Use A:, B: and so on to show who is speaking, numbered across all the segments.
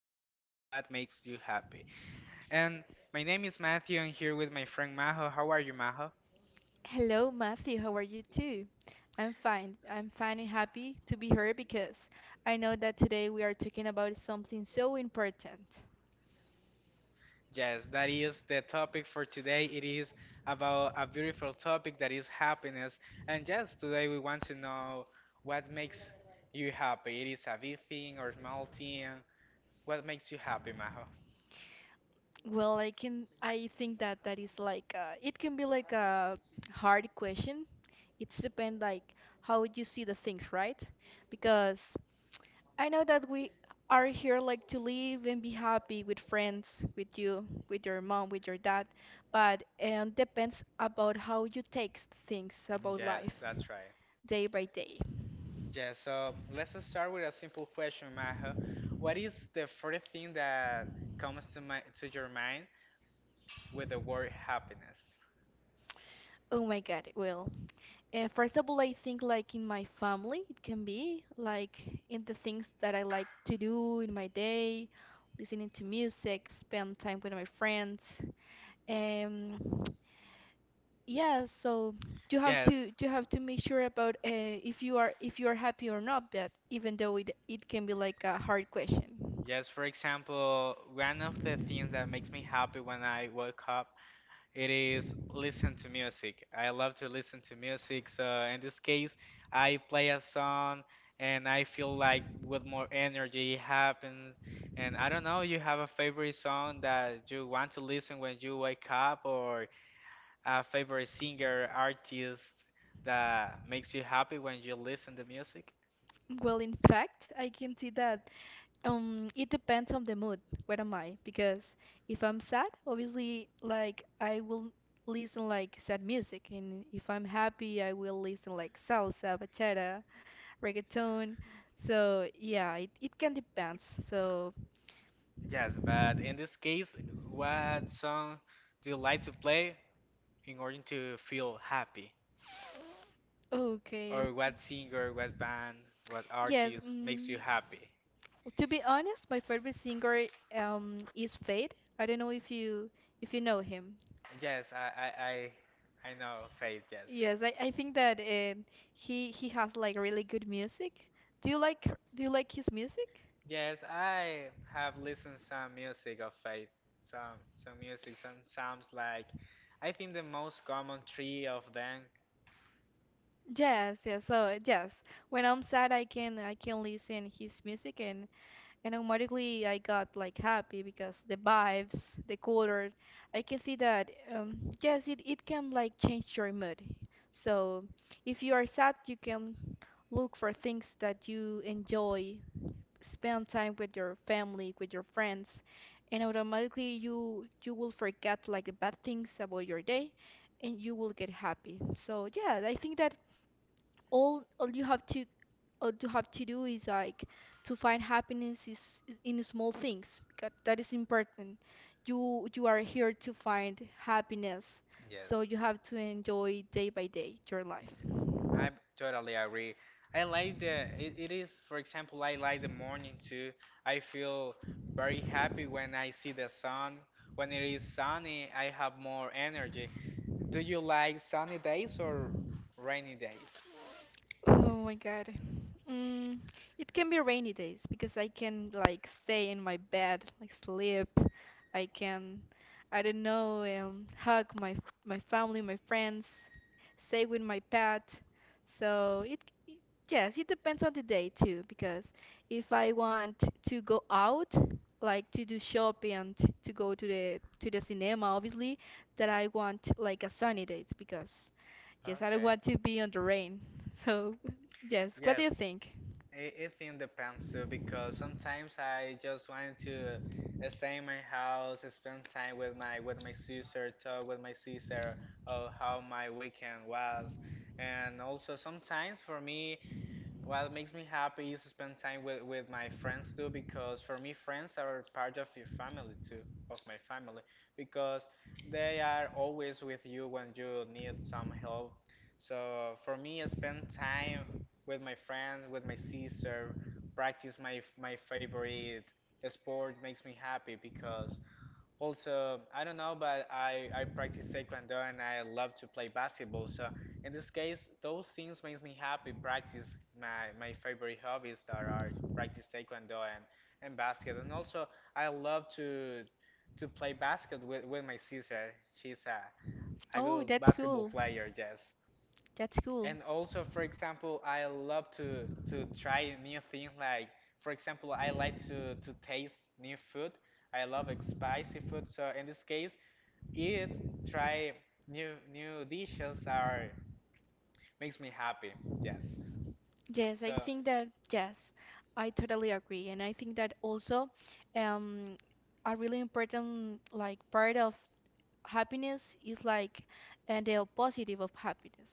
A: named What Makes You Happy. And my name is Matthew, and here with my friend Maho. How are you, Maho?
B: Hello, Matthew. How are you too? I'm fine. I'm fine and happy to be here because I know that today we are talking about something so important.
A: Yes, that is the topic for today. It is about a beautiful topic that is happiness. And yes, today we want to know what makes you happy. It is a big thing or small thing. What makes you happy, Maho?
B: Well, I think that is like it can be like a hard question. It's depend like how you see the things, right? Because I know that we are here like to live and be happy with friends, with you, with your mom, with your dad, but depends about how you take things about life,
A: Yes, that's right.
B: day by day.
A: Yeah, so let's start with a simple question, Maha. What is the first thing that comes to my to your mind with the word happiness?
B: Oh my God, well, first of all, I think like in my family, it can be like in the things that I like to do in my day, listening to music, spend time with my friends. Um, yeah, so
A: Yes,
B: you have to make sure about if you are happy or not, but even though it can be like a hard question.
A: yes, for example, one of the things that makes me happy when I wake up, it is listen to music. I love to listen to music, so in this case, I play a song and I feel like with more energy it happens. And I don't know, you have a favorite song that you want to listen when you wake up or a favorite singer, artist that makes you happy when you listen to music?
B: Well, in fact, I can see that it depends on the mood. Where am I? Because if I'm sad, obviously, like I will listen like sad music, and if I'm happy, I will listen like salsa, bachata, reggaeton. So yeah, it can depends. So
A: Yes, but in this case, what song do you like to play in order to feel happy?
B: okay,
A: Or what singer, what band, what
B: yes.
A: artist makes you happy?
B: To be honest, my favorite singer is Fade. I don't know if you know him.
A: Yes, I know Faith, yes.
B: Yes, I think that he has like really good music. Do you like do you like his music?
A: Yes, I have listened some music of faith. Some music some sounds like I think the most common three of them.
B: Yes, yes. So yes, when I'm sad, I can listen his music and automatically I got like happy because the vibes, the color, I can see that. Yes, it can like change your mood. So if you are sad, you can look for things that you enjoy, spend time with your family, with your friends, and automatically you will forget like the bad things about your day and you will get happy. So yeah, I think that all you have to all you have to do is like to find happiness is in small things because that is important. You are here to find happiness, so
A: Yes.
B: you have to enjoy day by day your life.
A: I totally agree. I like the it, it is for example I like the morning too. I feel very happy when I see the sun. When it is sunny, I have more energy. Do you like sunny days or rainy days?
B: Oh my God. Mm, it can be rainy days because I can like stay in my bed, like sleep. I can, I don't know, hug my my family, my friends, stay with my pet. So it- yes, it depends on the day too because if I want to go out, like to do shopping and to go to the cinema, obviously, that I want like a sunny day because yes, I don't
A: Okay.
B: want to be on the rain. So, yes, what do you
A: Yes,
B: think?
A: it thing depends too because sometimes I just want to stay in my house, spend time with my sister, talk with my sister of how my weekend was, and also sometimes for me what makes me happy is spend time with my friends too, because for me, friends are part of your family too, of my family, because they are always with you when you need some help. So for me, I spend time with my friends, with my sister, practice my favorite sport makes me happy because also, I don't know, but I practice taekwondo and I love to play basketball. So in this case, those things makes me happy. Practice my, favorite hobbies that are practice taekwondo and basket. And also, I love to play basket with my sister. She's a
B: Oh,
A: good
B: that's
A: basketball
B: cool.
A: player, yes.
B: That's cool.
A: And also, for example, I love to try new things. Like, for example, I like to taste new food. I love spicy food. So in this case, Eat, try new dishes are makes me happy. Yes.
B: Yes, I
A: So,
B: think that, yes, I totally agree. And I think that also um, a really important like part of happiness is like and the positive of happiness.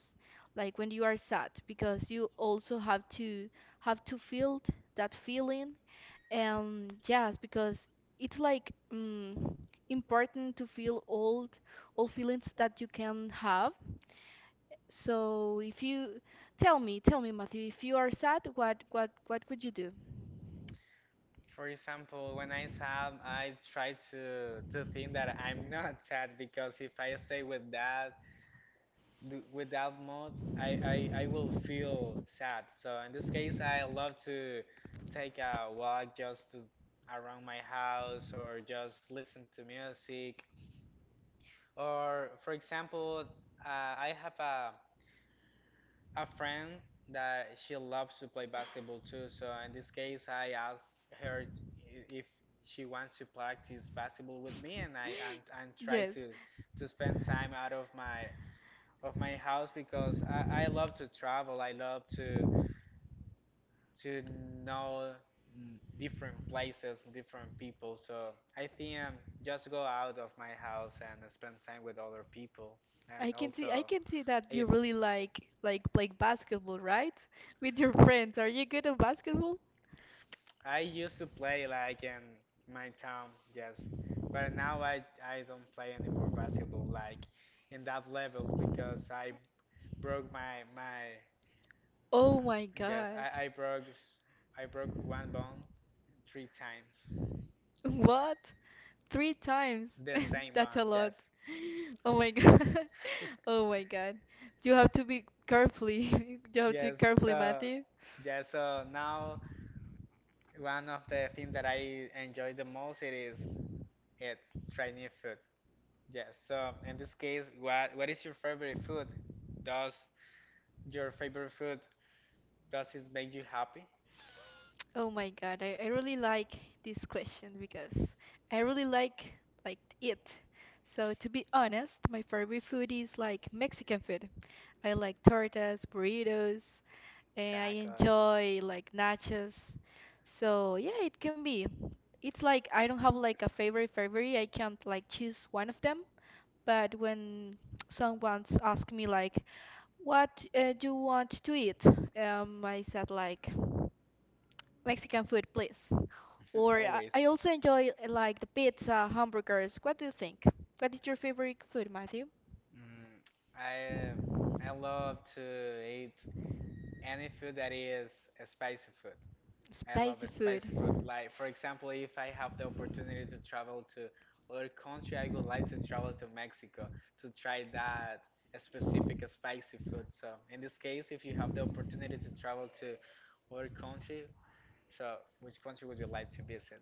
B: Like when you are sad, because you also have to feel that feeling. Yes, because it's like important to feel old, all feelings that you can have. So if you tell me, Matthew, if you are sad, what what would you do?
A: for example, when I sad, I try to think that I'm not sad because if I stay with that with that mood, I will feel sad. So in this case, I love to take a walk just to around my house or just listen to music. Or for example, I have a friend that she loves to play basketball too. So in this case, I asked her if she wants to practice basketball with me, and I and try
B: Yes,
A: to spend time out of my house because I love to travel. I love to to know different places, and different people. So I think just go out of my house and spend time with other people, and also
B: I can see that you
A: eat
B: really like play basketball, right? With your friends. Are you good at basketball?
A: I used to play like in my town, yes, but now I don't play anymore basketball like in that level because I broke my
B: Oh my
A: yes
B: God.
A: I broke I broke one bone three times
B: What? Three times.
A: the same
B: That's
A: bone
B: a lot.
A: yes
B: Oh my god. Oh my god. You have to be carefully. You have to be
A: yes
B: carefully,
A: so
B: Matthew.
A: yeah so now one of the things that I enjoy the most it is it try new food. Yes. So in this case, what is your favorite food? Does your favorite food does it make you happy?
B: Oh my god. I really like this question because I really like it. So to be honest, my favorite food is like Mexican food. I like tortas, burritos, and I
A: Tacos,
B: enjoy like nachos. So yeah, it can be. It's like I don't have like a favorite. I can't like choose one of them, but when someone asked me like what do you want to eat I said like Mexican food please, or i
A: always.
B: I also enjoy like the pizza, hamburgers. What do you think, what is your favorite food, Matthew?
A: Mm, I love to eat any food that is a spicy food. I love
B: Spicy
A: spicy food.
B: food.
A: Like, for example, if I have the opportunity to travel to other country, I would like to travel to Mexico to try that specific spicy food. So, in this case, if you have the opportunity to travel to other country, so which country would you like to visit?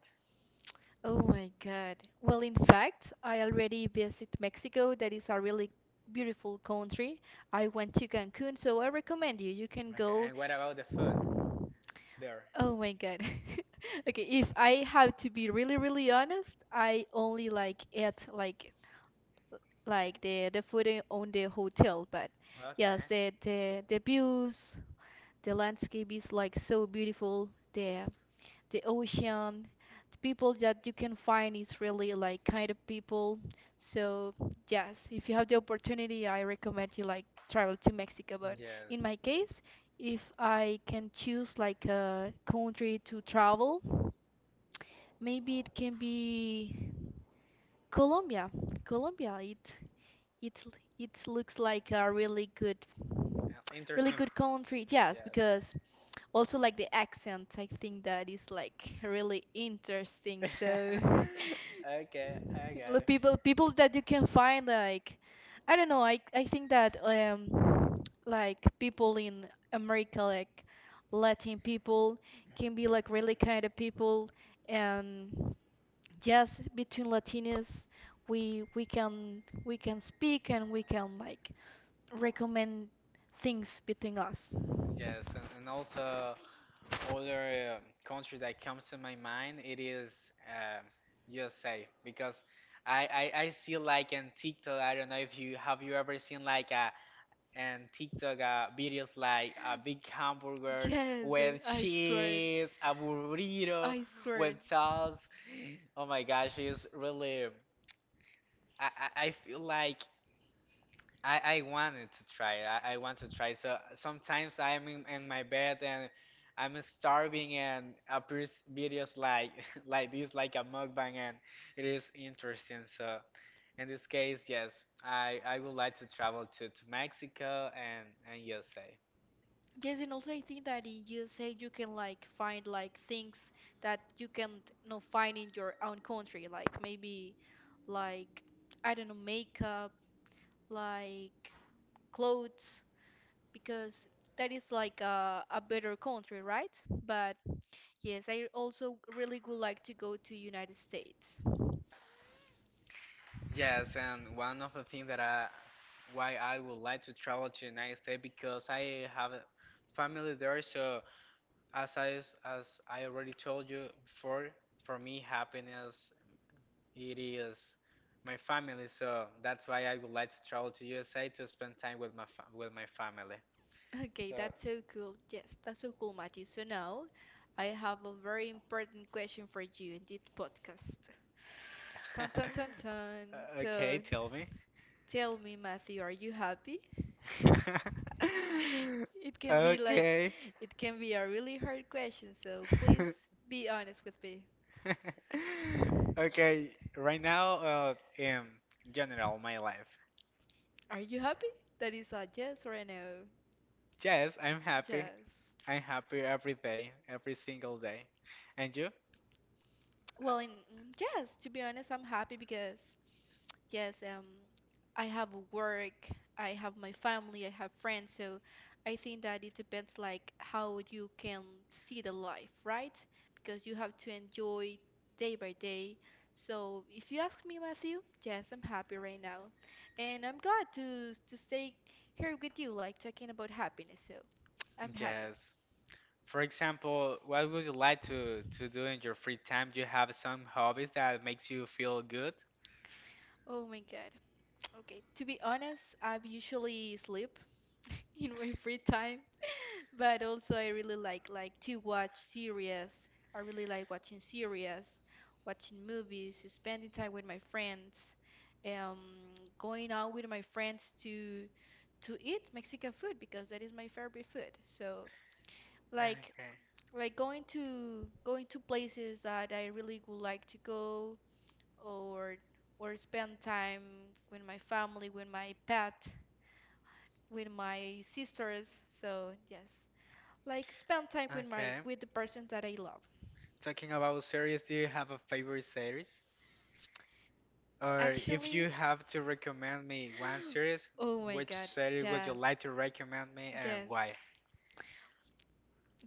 B: Oh my god, well in fact I already visit Mexico, that is a really beautiful country. I went to Cancun, so I recommend you, you can
A: Okay,
B: go.
A: and what about the food there?
B: Oh my God. Okay, if I have to be really, really honest, I only like eat like the food on the hotel, but yes,
A: Okay,
B: the the views, the landscape is like so beautiful, the the ocean, the people that you can find is really like kind of people. So yes, if you have the opportunity, I recommend you like travel to Mexico. But in
A: yes,
B: my case, if I can choose like a country to travel, maybe it can be Colombia. Colombia, it it looks like a really good really
A: Interesting.
B: good country. Yes,
A: Yes.
B: because also like the accent, I think that is like really interesting. So
A: Okay, I got
B: the
A: it.
B: people people that you can find like I don't know, I think that like people in America like Latin people can be like really kind of people, and yes between Latinos we can we can speak and we can like recommend things between us.
A: Yes, and also other country that comes to my mind it is USA because I, I see like in TikTok I don't know if you have you ever seen like a and TikTok videos like a big hamburger
B: Yes, I,
A: with
B: I swear.
A: cheese a burrito
B: I
A: with
B: swear.
A: sauce oh my gosh it's really I, I feel like I wanted to try. I want to try. So sometimes I'm in my bed and I'm starving and appears videos like like this, like a mukbang, and it is interesting. So in this case, yes, I would like to travel to, Mexico and USA.
B: Yes, and also I think that in USA you can like find like things that you can't no find in your own country, like maybe like I don't know makeup, like clothes, because that is like a better country, right? But yes, I also really would like to go to United States.
A: Yes, and one of the things that I why I would like to travel to United States because I have a family there, so As I already told you before, for me happiness it is my family. So that's why I would like to travel to USA to spend time with my with my family.
B: Okay,
A: So
B: that's so cool. Yes, that's so cool, Matthew. So now I have a very important question for you in this podcast. Dun, dun, dun, dun.
A: okay,
B: So
A: tell me.
B: tell me, Matthew, are you happy? It can be like,
A: Okay.
B: it can be a really hard question, so please be honest with me.
A: Okay, right now in general my life.
B: Are you happy? That is a yes or a no.
A: Yes, I'm happy.
B: Yes.
A: I'm happy every day, every single day. And you?
B: Well, in, yes, to be honest, I'm happy because yes, I have work, I have my family, I have friends, so I think that it depends like how you can see the life, right? Because you have to enjoy day by day. So if you ask me, Matthew, yes, I'm happy right now, and I'm glad to stay here with you, like talking about happiness. So I'm happy.
A: Yes. For example, what would you like to do in your free time? Do you have some hobbies that makes you feel good?
B: Oh my God. Okay, to be honest, I usually sleep in my free time. But also I really like to watch series. I really like watching series, watching movies, spending time with my friends, um, going out with my friends to eat Mexican food because that is my favorite food. So like
A: Okay.
B: like going to going to places that I really would like to go, or or spend time with my family, with my pet, with my sisters. So yes, like spend time with my
A: Okay.
B: with the person that I love.
A: Talking about series, do you have a favorite series? Or if
B: Actually,
A: you have to recommend me one series,
B: oh my
A: which
B: God,
A: series would you
B: yes,
A: like to recommend me and
B: yes,
A: why?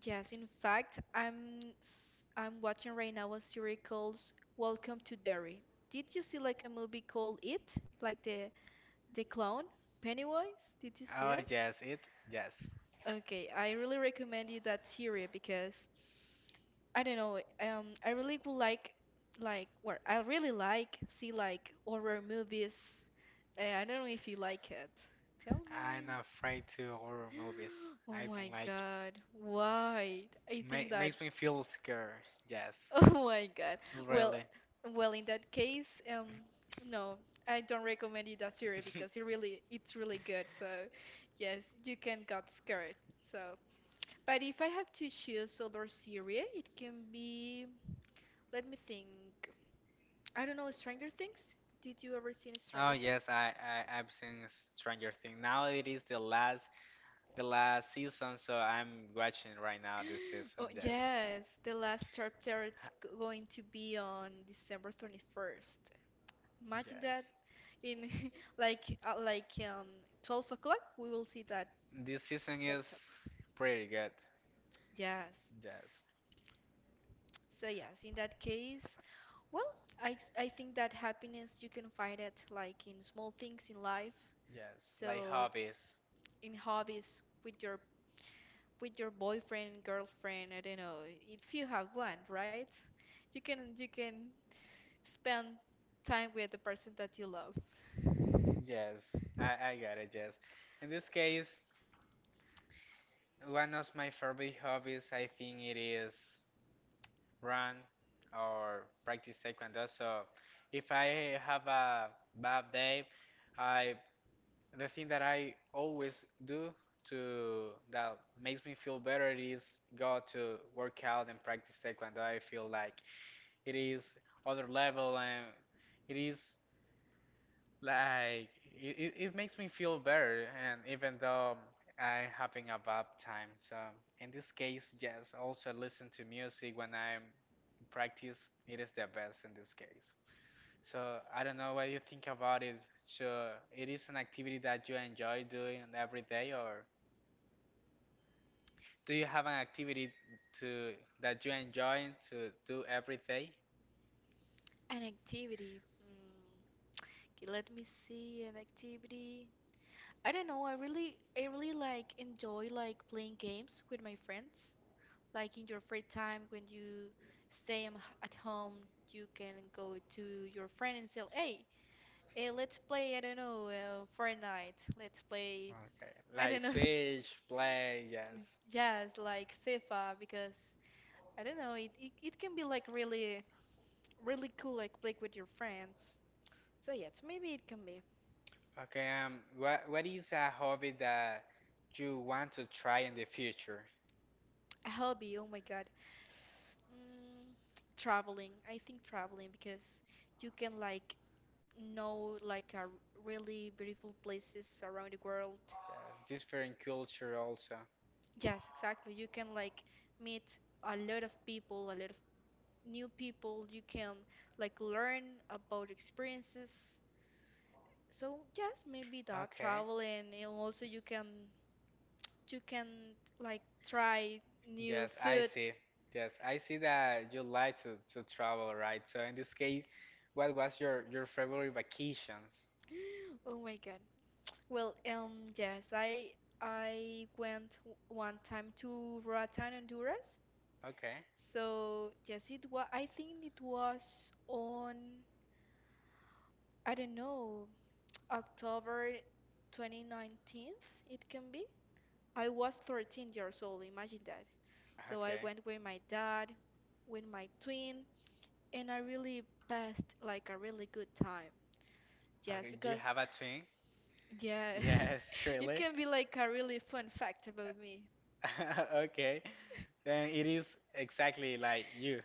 B: yes. In fact, I'm watching right now a series called Welcome to Derry. Did you see like a movie called It, like the clone Pennywise? Did you see
A: Oh
B: it?
A: yes, it yes.
B: Okay, I really recommend you that series because I don't know, I really would like I really like see like horror movies. I don't know if you like it. Tell
A: I'm
B: me.
A: afraid to horror movies.
B: Oh
A: I don't
B: my
A: like
B: God, why? I
A: Ma
B: think that.
A: makes me feel scared. Yes,
B: Oh my God. Well,
A: really.
B: well, in that case, no, I don't recommend you that series because it really, it's really good. So, yes, you can got scared. So. But if I have to choose other series, it can be, let me think. I don't know, Stranger Things? Did you ever seen
A: Oh
B: Stranger
A: yes,
B: Things?
A: I I've seen Stranger Things. Now it is the last season, so I'm watching right now this season.
B: Oh,
A: Yes.
B: yes, the last chapter it's going to be on December 21st. Imagine that
A: Yes.
B: in like 12 o'clock we will see that
A: This season
B: that
A: is
B: chapter.
A: pretty good.
B: Yes.
A: Yes.
B: So
A: So-
B: yes, in that case, well, I think that happiness you can find it like in small things in life.
A: Yes. Like
B: So
A: hobbies.
B: in hobbies with your boyfriend, girlfriend, I don't know, if you have one, right? You can spend time with the person that you love.
A: Yes, I got it, yes. In this case, one of my favorite hobbies, I think it is run or practice taekwondo. So if I have a bad day, I the thing that I always do to that makes me feel better is go to work out and practice taekwondo. I feel like it is other level and it is Like it makes me feel better, and even though I'm having a bad time. So in this case, yes, also listen to music when I'm practice. It is the best in this case. So I don't know what you think about it. So it is an activity that you enjoy doing every day, or do you have an activity to that you enjoy to do every day?
B: An activity. Hmm. Okay, let me see an activity. I don't know, I really like enjoy like playing games with my friends. Like in your free time when you stay at home, you can go to your friend and say, "Hey, let's play, I don't know, Fortnite. Let's play,
A: Okay,
B: I
A: like
B: don't know."
A: switch, play, yes.
B: Yes, like FIFA because I don't know, it can be like really really cool like play with your friends. So yes, maybe it can be
A: Okay, what is a hobby that you want to try in the future?
B: a hobby. Oh my God. Mm, Traveling. I think traveling because you can like know like a really beautiful places around the world.
A: Yeah, different culture also.
B: Yes, exactly. You can like meet a lot of people, a lot of new people. You can like learn about experiences. So yes, maybe that
A: Okay.
B: traveling, and also you can like try new
A: Yes, I
B: foods.
A: see. Yes, I see that you like to, travel, right? So in this case, what was your, favorite vacations?
B: Oh my God. Well, yes, I went one time to Roatán, Honduras.
A: Okay.
B: So yes, it was. I think it was on, I don't know, October 2019th. It can be. I was 13 years old. Imagine that. So I
A: Okay.
B: went with my dad, with my twin, and I really passed like a really good time. Yes,
A: Okay, do you
B: because
A: have a twin?
B: yes,
A: Yes,
B: it
A: really?
B: can be like a really fun fact about me.
A: Okay. Then it is exactly like you.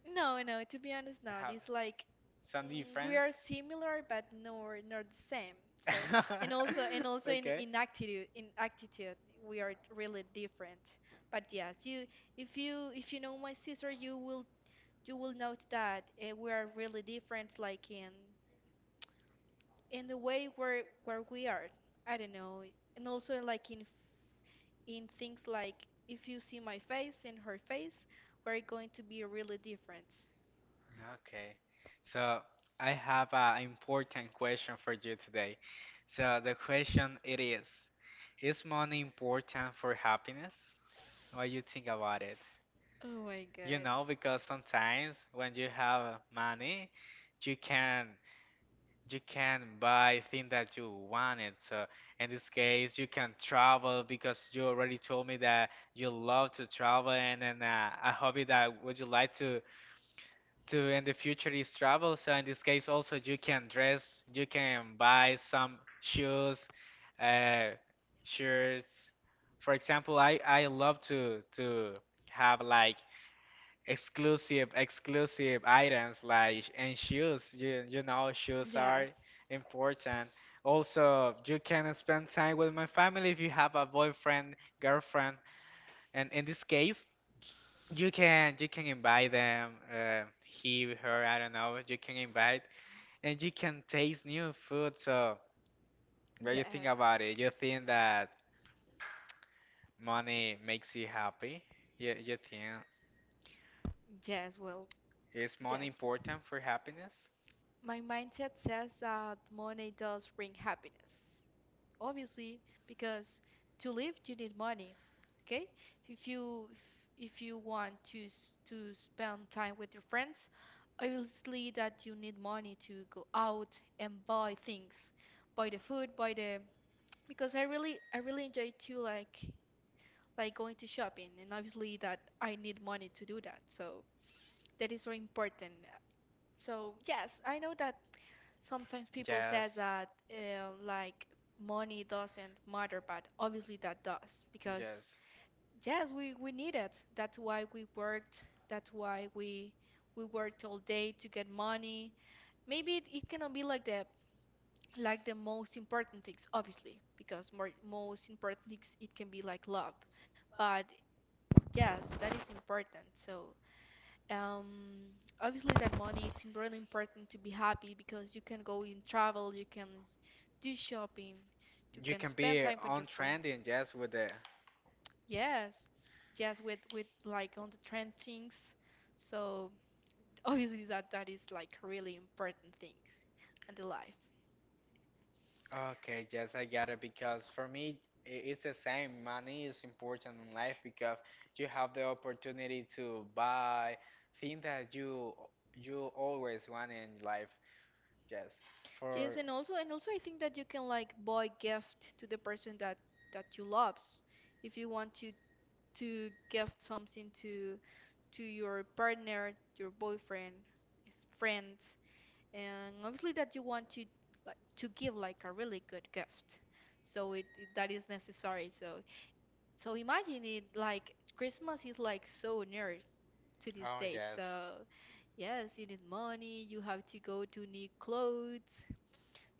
B: No, no. To be honest,
A: I
B: not.
A: Have
B: It's like
A: some
B: we
A: difference.
B: are similar, but nor not the same. So And also, and also in,
A: Okay.
B: in attitude, we are really different. But yes, you, if you know my sister, you will note that we are really different, like in the way where we are. I don't know, and also like in things, like if you see my face and her face, we're going to be really different.
A: Okay. So I have an important question for you today. So the question it is money important for happiness? What you think about it?
B: Oh my
A: You
B: God.
A: know, because sometimes when you have money, you can you can buy thing that you wanted. So in this case, you can travel because you already told me that you love to travel, and then a hobby that would you like to in the future is travel. So in this case, also you can dress, you can buy some shoes, uh, shirts. For example, I love to have like exclusive items like and shoes you, you know shoes
B: Yes.
A: are important also you can spend time with my family if you have a boyfriend girlfriend and in this case you can invite them he her I don't know you can invite and you can taste new food so when
B: Yes.
A: you think about it you think that money makes you happy you think
B: Yes, well,
A: is money
B: yes.
A: important for happiness
B: My mindset says that money does bring happiness. Obviously, because to live you need money. Okay? If you if if you want to to spend time with your friends, obviously that you need money to go out and buy things, buy the food, buy the, because I really enjoy to like going to shopping, and obviously that I need money to do that. So that is so important. So yes, I know that sometimes people say
A: yes
B: that like money doesn't matter, but obviously that does, because
A: yes
B: yes, we need it. That's why we worked. That's why we worked all day to get money. Maybe it cannot be like the most important things, obviously, because more most important things, it can be like love, but yes, that is important. So um obviously that money, it's really important to be happy, because you can go and travel, you can do shopping, you
A: You
B: can
A: can
B: spend
A: be
B: time with your
A: on
B: friends.
A: trending just with the.
B: Yes, yes, with like on the trend things. So obviously that that is like really important things in the life.
A: Okay, yes, I got it. Because for me, it's the same. Money is important in life because you have the opportunity to buy things that you always want in life. Yes, for
B: Yes, and also I think that you can like buy gift to the person that you loves, if you want to gift something to your partner, your boyfriend, his friends, and obviously that you want to like to give like a really good gift. So it that is necessary. So, imagine it, like Christmas is like so near to this
A: oh
B: date.
A: yes.
B: So yes, you need money, you have to go to new clothes.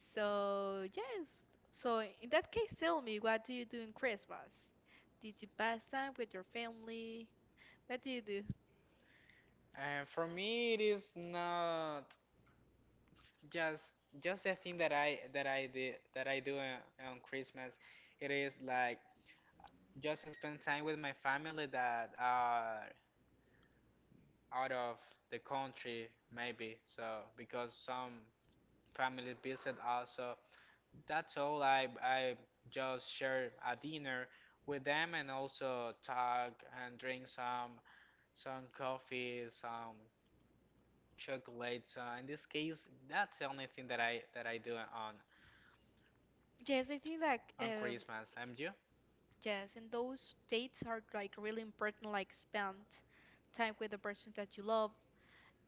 B: So yes. So in that case, tell me, what do you do in Christmas? Did you pass time with your family? What do you do?
A: And for me, it is not just just the thing that I did that I do on Christmas. It is like just spend time with my family that are out of the country, maybe. So because some family visit us, so that's all. I just share a dinner with them and also talk and drink some coffee, some chocolate. So in this case, that's the only thing that I do on
B: Yes, I think that
A: on Christmas. And you?
B: yes, and those dates are like really important, like spend time with the person that you love,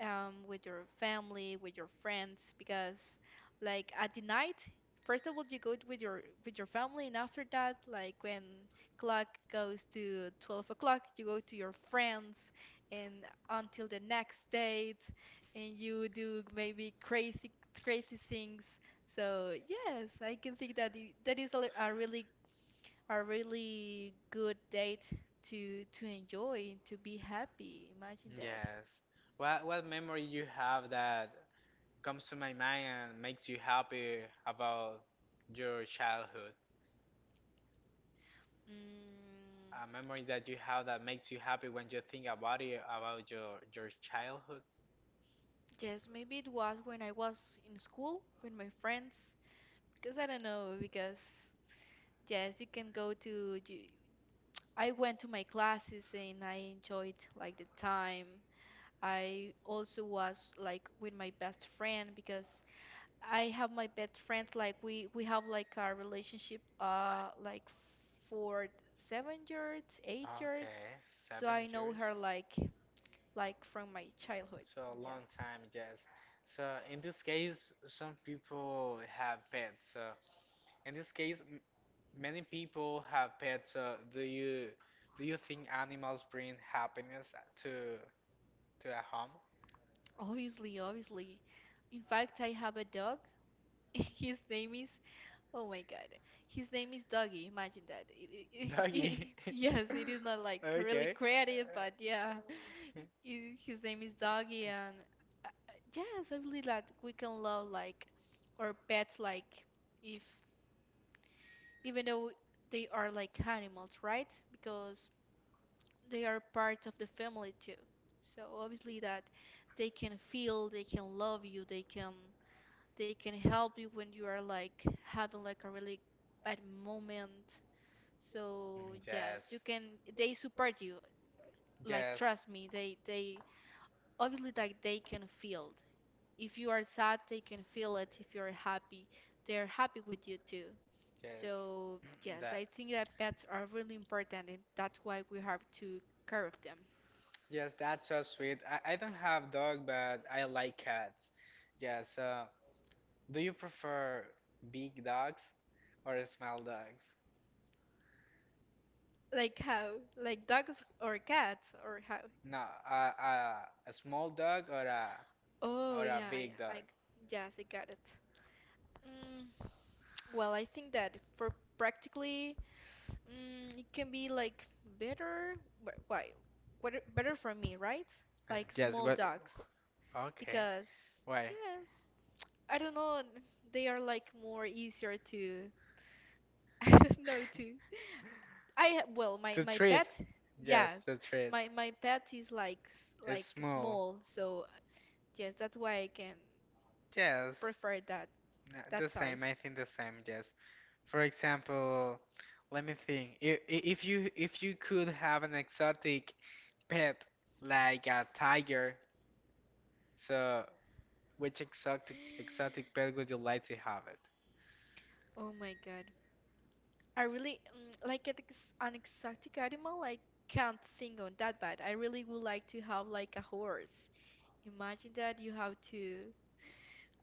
B: with your family, with your friends, because like at the night, first of all, you go with your family, and after that, like when clock goes to 12 o'clock, you go to your friends, and until the next date, and you do maybe crazy crazy things. So yes, I can think that that is a really good date to enjoy, and to be happy. Imagine that.
A: Yes. What memory you have that comes to my mind and makes you happy about your childhood?
B: Mm,
A: A memory that you have that makes you happy when you think about it, about your childhood?
B: yes, maybe it was when I was in school with my friends. Because I don't know, because yes, you can go to. You, I went to my classes and I enjoyed like the time. I also was like with my best friend, because I have my best friends, like we have like a relationship like for 7 years, 8 years.
A: Okay,
B: So
A: seven
B: I know
A: years.
B: her like from my childhood.
A: So a
B: Yeah,
A: long time, yes. So in this case, some people have pets. So in this case, many people have pets. So do you think animals bring happiness to to a home?
B: obviously, obviously. In fact, I have a dog. His name is, oh my God. His name is Doggy. Imagine that.
A: Doggy.
B: Yes, it is not like really
A: Okay.
B: creative, but yeah. His name is Doggy, and yes, I believe that we can love like our pets, like if even though they are like animals, right? Because they are part of the family too. So obviously that they can feel, they can love you, they can help you when you are like having like a really bad moment, so yes, you
A: Yes,
B: can. They support you. Like
A: yes,
B: trust me, they obviously like they can feel it. If you are sad, they can feel it. If you are happy, they are happy with you too.
A: yes.
B: So yes,
A: That
B: I think that pets are really important, and that's why we have to care of them.
A: Yes, that's so sweet. I don't have dog, but I like cats. Yes. Do you prefer big dogs or small dogs?
B: Like how? Like dogs or cats or how?
A: No, uh, uh, a small dog or a
B: Oh
A: or a
B: yeah, yeah.
A: big dog?
B: I yes, I got it. Mm, well, I think that for practically. It can be like better, wh- why, what better for me, right?
A: Yes.
B: Like
A: yes,
B: small
A: What?
B: dogs,
A: Okay.
B: because
A: Why?
B: yes, I don't know, they are like more easier to, I don't know to. Well,
A: To
B: my
A: treat.
B: pet,
A: Yes,
B: yes,
A: to treat.
B: my pet is like
A: It's
B: like
A: small.
B: small, so yes, that's why I can
A: Yes,
B: prefer
A: the
B: that
A: same. I
B: size.
A: think the same. Yes. For example, let me think. If you could have an exotic pet like a tiger, so which exotic pet would you like to have
B: Oh my God. I really like an exotic animal. I can't think on that, but I really would like to have like a horse. Imagine that you have to,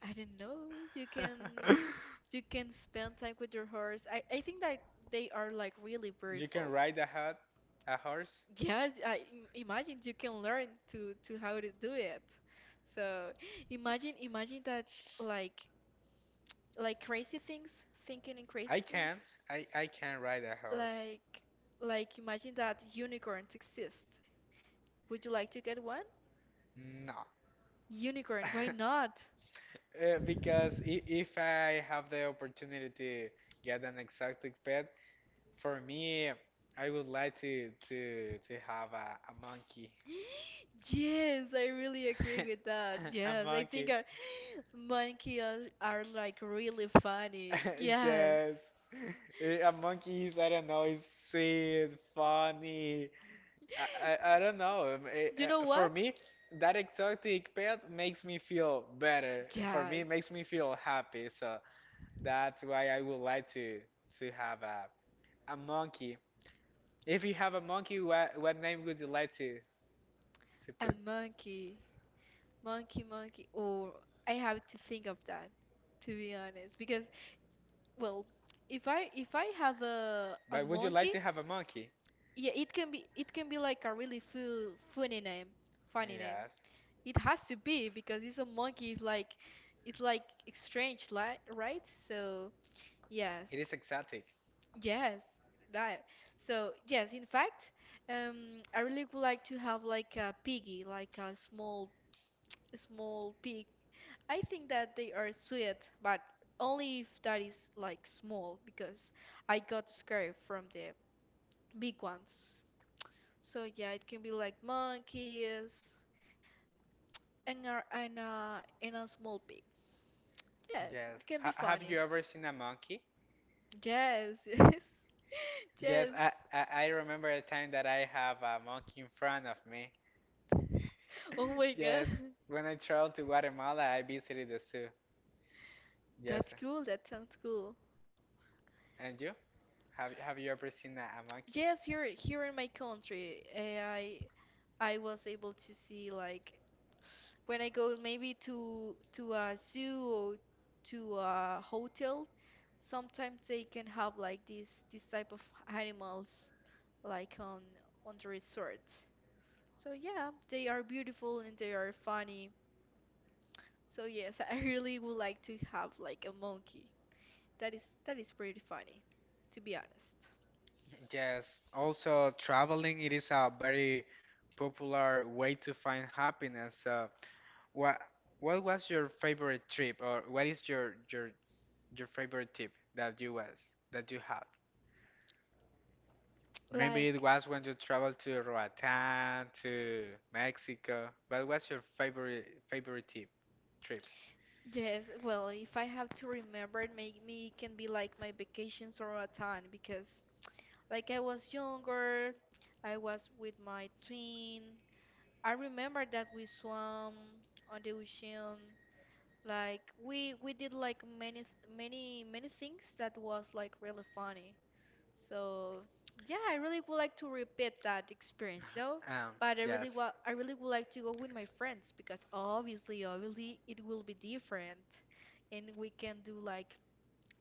B: I don't know, you can
A: it?
B: you can spend time with your horse. I think that they are like really
A: You can
B: beautiful.
A: ride a horse.
B: Yes, imagine you can learn to how to do it. So imagine that like like crazy things, thinking in crazy
A: I can.
B: things.
A: I can ride a horse.
B: Like, like imagine that unicorns exist. Would you like to get one?
A: No.
B: Unicorn, why not?
A: Because if I have the opportunity to get an exotic pet, for me, I would like to have a monkey.
B: Yes, I really agree with that.
A: A
B: Yes, I
A: monkey.
B: think our monkey are like really funny. Yes.
A: Yes. A monkey is, I don't know, it's sweet, funny. I, I don't know.
B: You know
A: For
B: what?
A: me, that exotic pet makes me feel better. For me, it
B: Yes.
A: makes me feel happy. So that's why I would like to have a monkey. If you have a monkey, what name would you like to
B: A
A: put?
B: monkey. Monkey, monkey. Oh, I have to think of that, to be honest. Because, well, if I have a
A: But would you like
B: monkey,
A: to have a monkey?
B: yeah, it can be like a really fu funny name, funny name.
A: Yes,
B: It has to be because it's a monkey. It's like strange, li right? So
A: it
B: yes,
A: is exotic.
B: yes, that. So yes, in fact, I really would like to have like a piggy, like a small pig. I think that they are sweet, but only if that is like small, because I got scared from the big ones. So yeah, it can be like monkeys and and a small pig. Yes,
A: Yes.
B: it can be
A: H have
B: funny.
A: you ever seen a monkey?
B: Yes, yes,
A: Yes,
B: yes.
A: I remember a time that I have a monkey in front of me.
B: Oh my God,
A: Yes, when I traveled to Guatemala, I visited the zoo. Yes,
B: that's cool. That sounds cool.
A: and you? Have you ever seen a monkey?
B: Yes, here in my country, I was able to see like when I go maybe to a zoo or to a hotel. Sometimes they can have like these this type of animals like on the resort. So yeah, they are beautiful and they are funny. So yes, I really would like to have like a monkey. That is pretty funny, to be honest.
A: Yes, also traveling it is a very popular way to find happiness. What what was your favorite trip or what is your favorite trip that you had? Maybe it
B: Like
A: was when you traveled to Roatán, to Mexico. But what's your favorite trip?
B: yes, well, if I have to remember it, make me it can be like my vacations or a time, because like I was younger, I was with my twin, I remember that we swam on the ocean. Like we did like many many things that was like really funny. So yeah, I really would like to repeat that experience, no?
A: Um,
B: But I really
A: yes.
B: wa I really would like to go with my friends because obviously it will be different, and we can do like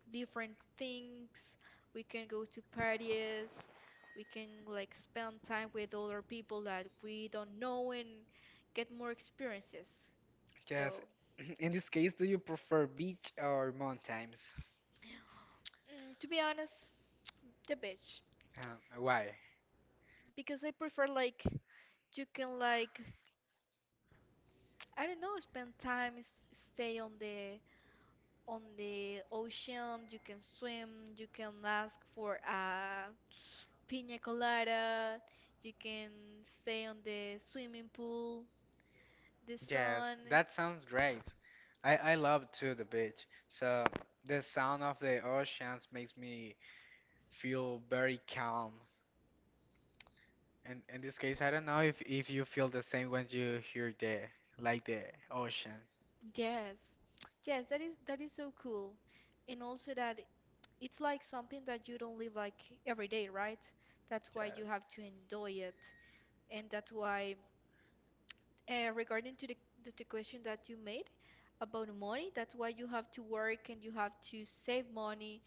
B: different things. We can go to parties. We can like spend time with other people that we don't know and get more experiences.
A: Yes.
B: So,
A: In this case, do you prefer beach or mountains?
B: to be honest, the beach,
A: Why?
B: because I prefer like you can like I don't know spend time stay on the ocean. You can swim. You can ask for a piña colada. You can stay on the swimming pool, the
A: Yes,
B: sun.
A: that sounds great. I love too the beach. So the sound of the oceans makes me feel very calm. And in this case, I don't know if you feel the same when you hear the like the ocean.
B: Yes. Yes, that is so cool. And also that it's like something that you don't live like every day, right? That's why you
A: Yes,
B: have to enjoy it. And that's why regarding to the question that you made about money, that's why you have to work and you have to save money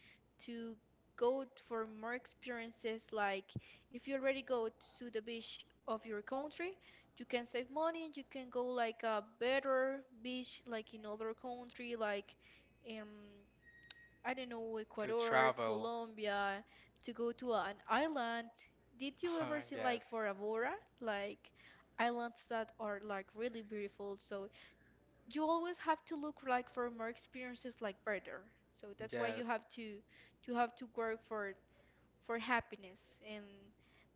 B: to go for more experiences. Like if you already go to the beach of your country, you can save money. You can go like a better beach, like in other country, like um I don't know,
A: to
B: Ecuador,
A: travel.
B: Colombia, to go to an island. Did you ever see
A: yes,
B: like Bora Bora? Like islands that are like really beautiful. So you always have to look like for more experiences, like better. So that's why you
A: yes,
B: have to you have to work for happiness, and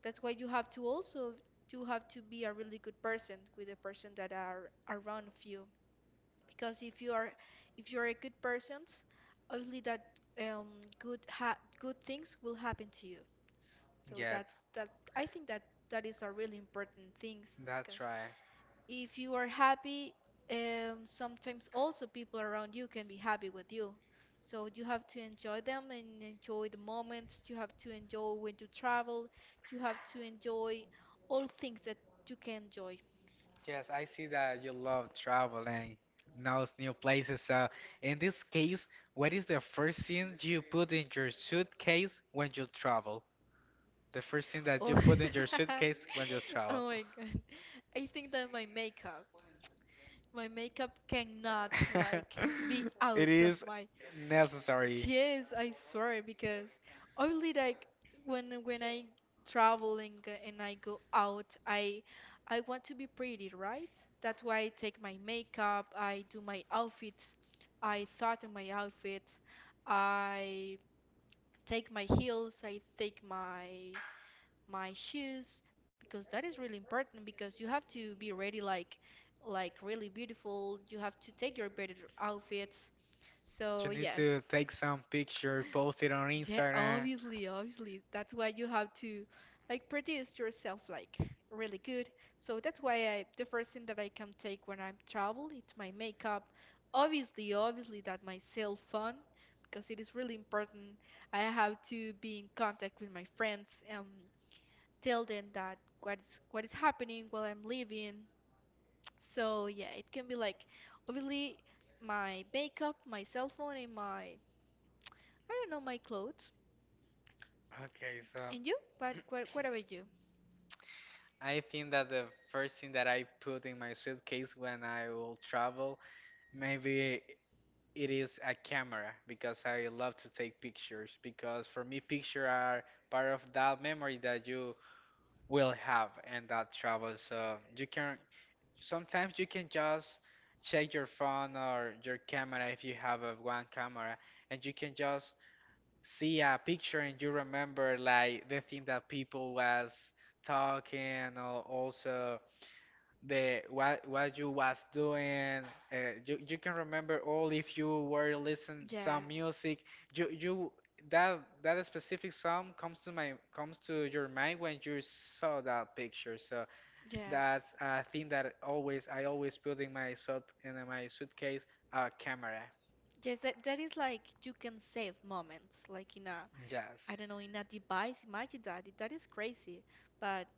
B: that's why you have to also you have to be a really good person with the person that are around you, because if you are a good person, obviously that um good ha good things will happen to you. So
A: yes.
B: that I think that that is a really important things,
A: That's
B: because
A: right.
B: if you are happy, sometimes also people around you can be happy with you. So you have to enjoy them and enjoy the moments. You have to enjoy when you travel. You have to enjoy all things that you can enjoy.
A: Yes, I see that you love traveling, knows new places. So in this case, what is the first thing you put in your suitcase when you travel? The first thing that
B: Oh.
A: you put in your suitcase when you travel.
B: Oh my God. I think that my makeup cannot like be
A: It
B: out of
A: is
B: my.
A: necessary.
B: Yes, I swear, because only like when I traveling and I go out, I want to be pretty, right? That's why I take my makeup, I do my outfits, I thought on my outfits, I take my heels, I take my shoes, because that is really important, because you have to be ready, like really beautiful. You have to take your better outfits.
A: You
B: So
A: need
B: yes.
A: to take some picture, post it on
B: Yeah,
A: Instagram.
B: obviously, obviously. That's why you have to like produce yourself like really good. So that's why I the first thing that I can take when I travel, it's my makeup. Obviously, obviously that my cell phone, because it is really important. I have to be in contact with my friends. Tell them that what is happening while I'm leaving. So yeah, it can be like obviously my makeup, my cell phone, and my, I don't know, my clothes.
A: Okay, so
B: And you? What about you?
A: I think that the first thing that I put in my suitcase when I will travel, maybe it is a camera because I love to take pictures, because for me pictures are part of that memory that you will have and that travels. So you can, sometimes you can just check your phone or your camera if you have a one camera, and you can just see a picture, and you remember like the thing that people was talking, or also the what you was doing. Uh, you, you can remember all. If you were listening some
B: Yes,
A: music, you that that specific song comes to your mind when you saw that picture. So
B: yes,
A: that's a thing that always I always put in my suitcase a camera.
B: yes. That is like you can save moments, like in a,
A: Yes,
B: I don't know, in a device. Imagine that. That is crazy. But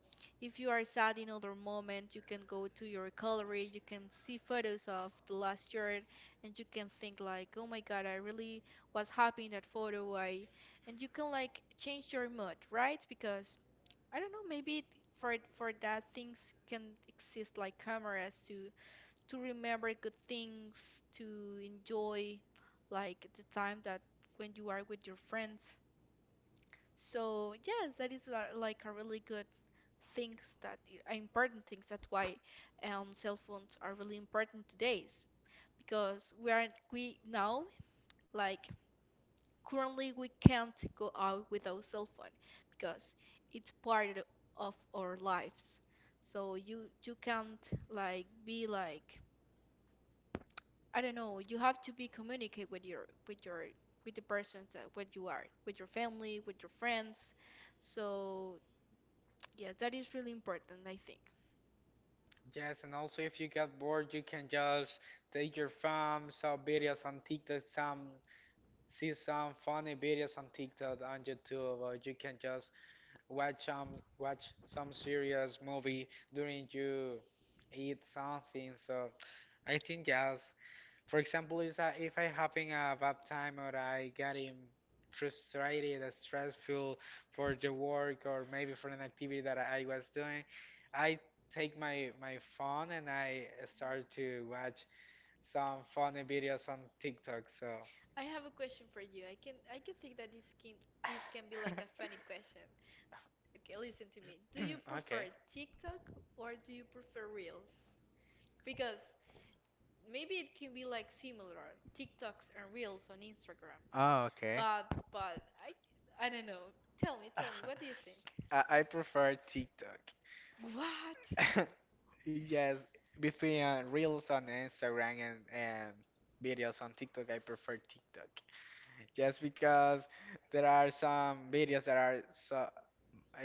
B: if you are sad in other moment, you can go to your gallery, you can see photos of the last year, and you can think like, oh my God, I really was happy in that photo. And you can like change your mood, right? Because I don't know, maybe for that things can exist, like cameras to remember good things, to enjoy like the time that when you are with your friends. So yes, that is like a really good things, important things. That's why cell phones are really important today's, because we now like currently we can't go out without cell phone, because it's part of our lives. So you can't like be like I don't know. You have to be communicate with the persons that what you are, with your family, with your friends. So yeah, that is really important, I think.
A: yes. And also if you get bored, you can just take your phone, saw videos on TikTok some see some funny videos on TikTok and YouTube, or you can just watch some watch some serious movie during you eat something. So I think yes. For example, is that if I having a bad time, or I getting frustrated, or stressful for the work, or maybe for an activity that I was doing, I take my phone and I start to watch some funny videos on TikTok. So.
B: I have a question for you. I can think that this can be like a funny question. Okay, listen to me. Do you
A: Okay.
B: prefer TikTok or do you prefer Reels? Because maybe it can be like similar, TikToks and Reels on Instagram.
A: Oh, okay.
B: But I don't know. Tell me, what do you think?
A: I prefer TikTok.
B: What?
A: Yes, between reels on Instagram and videos on TikTok, I prefer TikTok. Just because there are some videos that are so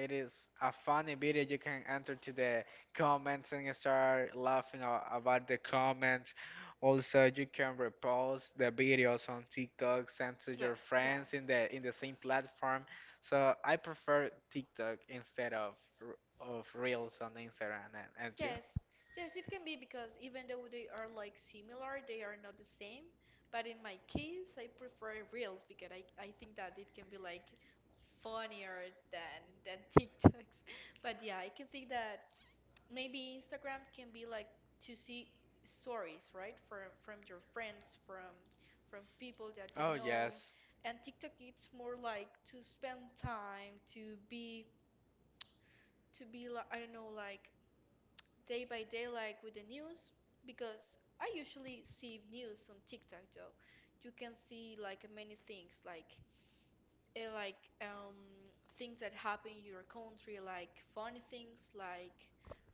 A: it is a funny video. You can enter to the comments and start laughing about the comments. Also, you can repost the videos on TikTok, send to
B: What?
A: your
B: Yeah.
A: friends in the same platform. So I prefer TikTok instead of Reels on Instagram. And you?
B: Yes, yes, it can be, because even though they are like similar, they are not the same. But in my case, I prefer Reels, because I think that it can be like funnier than TikToks. But yeah, I can think that maybe Instagram can be like to see stories, right? From your friends, from people that you
A: Oh
B: know.
A: yes,
B: And TikTok it's more like to spend time, to be like I don't know, like day by day like with the news, because I usually see news on TikTok though. You can see like many things like like things that happen in your country, like funny things, like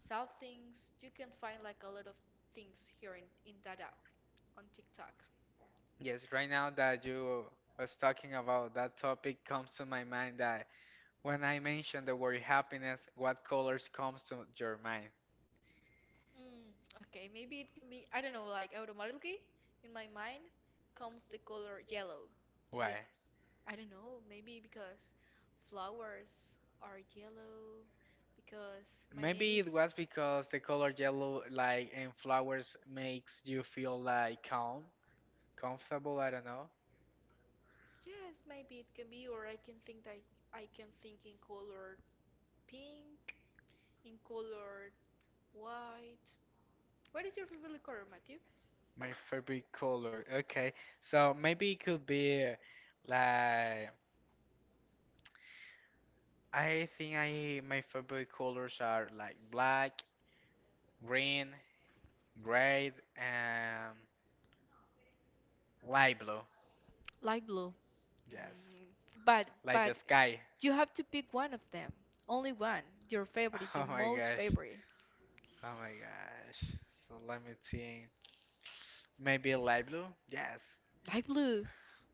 B: sad things. You can find like a lot of things here in that app on TikTok.
A: yes. Right now that you was talking about that topic, comes to my mind that when I mention the word happiness, what colors comes to your mind?
B: Mm, okay, maybe it can be, I don't know, like automatically in my mind comes the color yellow, to be
A: Why?
B: honest. I don't know, maybe because flowers are yellow, because my name
A: Maybe
B: is.
A: it was because the color yellow, like in flowers, makes you feel like calm, comfortable. I don't know.
B: Yes, maybe it can be, or I can think in color pink, in color white. What is your favorite color, Matthew?
A: My favorite color. Okay, so maybe it could be like, I think, I my favorite colors are like black, green, gray, and light blue.
B: Light blue.
A: Yes,
B: But
A: like the
B: but
A: sky.
B: you have to pick one of them. Only one. Your favorite,
A: Oh
B: your
A: my
B: most
A: gosh.
B: favorite.
A: Oh my gosh. So let me think. Maybe a light blue? Yes.
B: Light blue.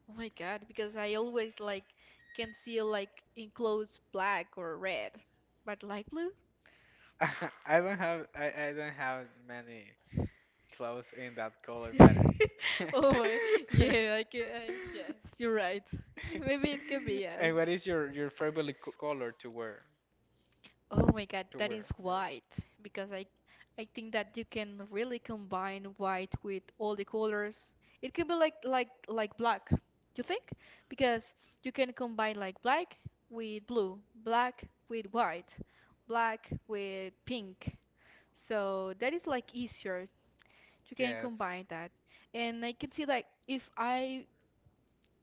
B: Oh my God, because I always like can see like enclosed black or red. But light blue?
A: I don't have many clothes in that color, but
B: Oh my, yeah, yes, you're right. Maybe it can be yes.
A: and what is your favorite color to wear?
B: Oh my God,
A: To
B: that
A: wear.
B: is
A: Yes.
B: white, because I think that you can really combine white with all the colors. It can be like black. You think? Because you can combine like black with blue, black with white, black with pink. So that is like easier. You can
A: Yes.
B: combine that. And I can see like if I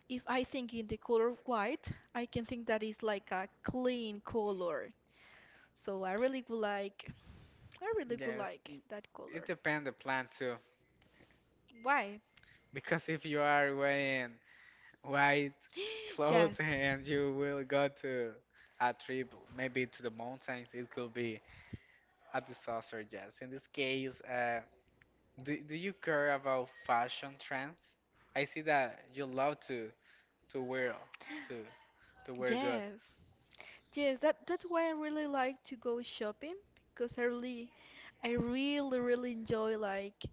B: if I think in the color white, I can think that is like a clean color. So I really would like I really would
A: Yes.
B: like that
A: It
B: color.
A: depends the plan too,
B: Why?
A: because if you are wearing white
B: Yes,
A: clothes and you will go to a trip, maybe to the mountains, it could be at the saucer, yes. In this case, do you care about fashion trends? I see that you love to wear to to wear good.
B: yes, yes. That's why I really like to go shopping, because I really, really enjoy like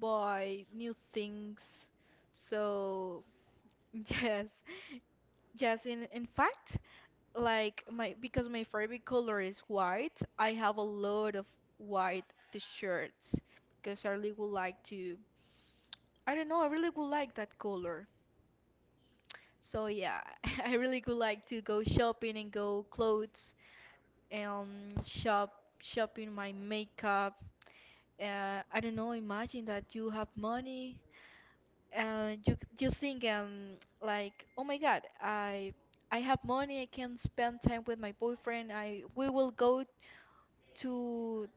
B: buy new things. So yes, yes. In fact, like my because my favorite color is white. I have a lot of white t-shirts, because I really would like to. I don't know. I really would like that color. So yeah, I really would like to go shopping and go clothes and shopping my makeup. I don't know, imagine that you have money and you think like, "Oh my God, I have money. I can spend time with my boyfriend. I we will go to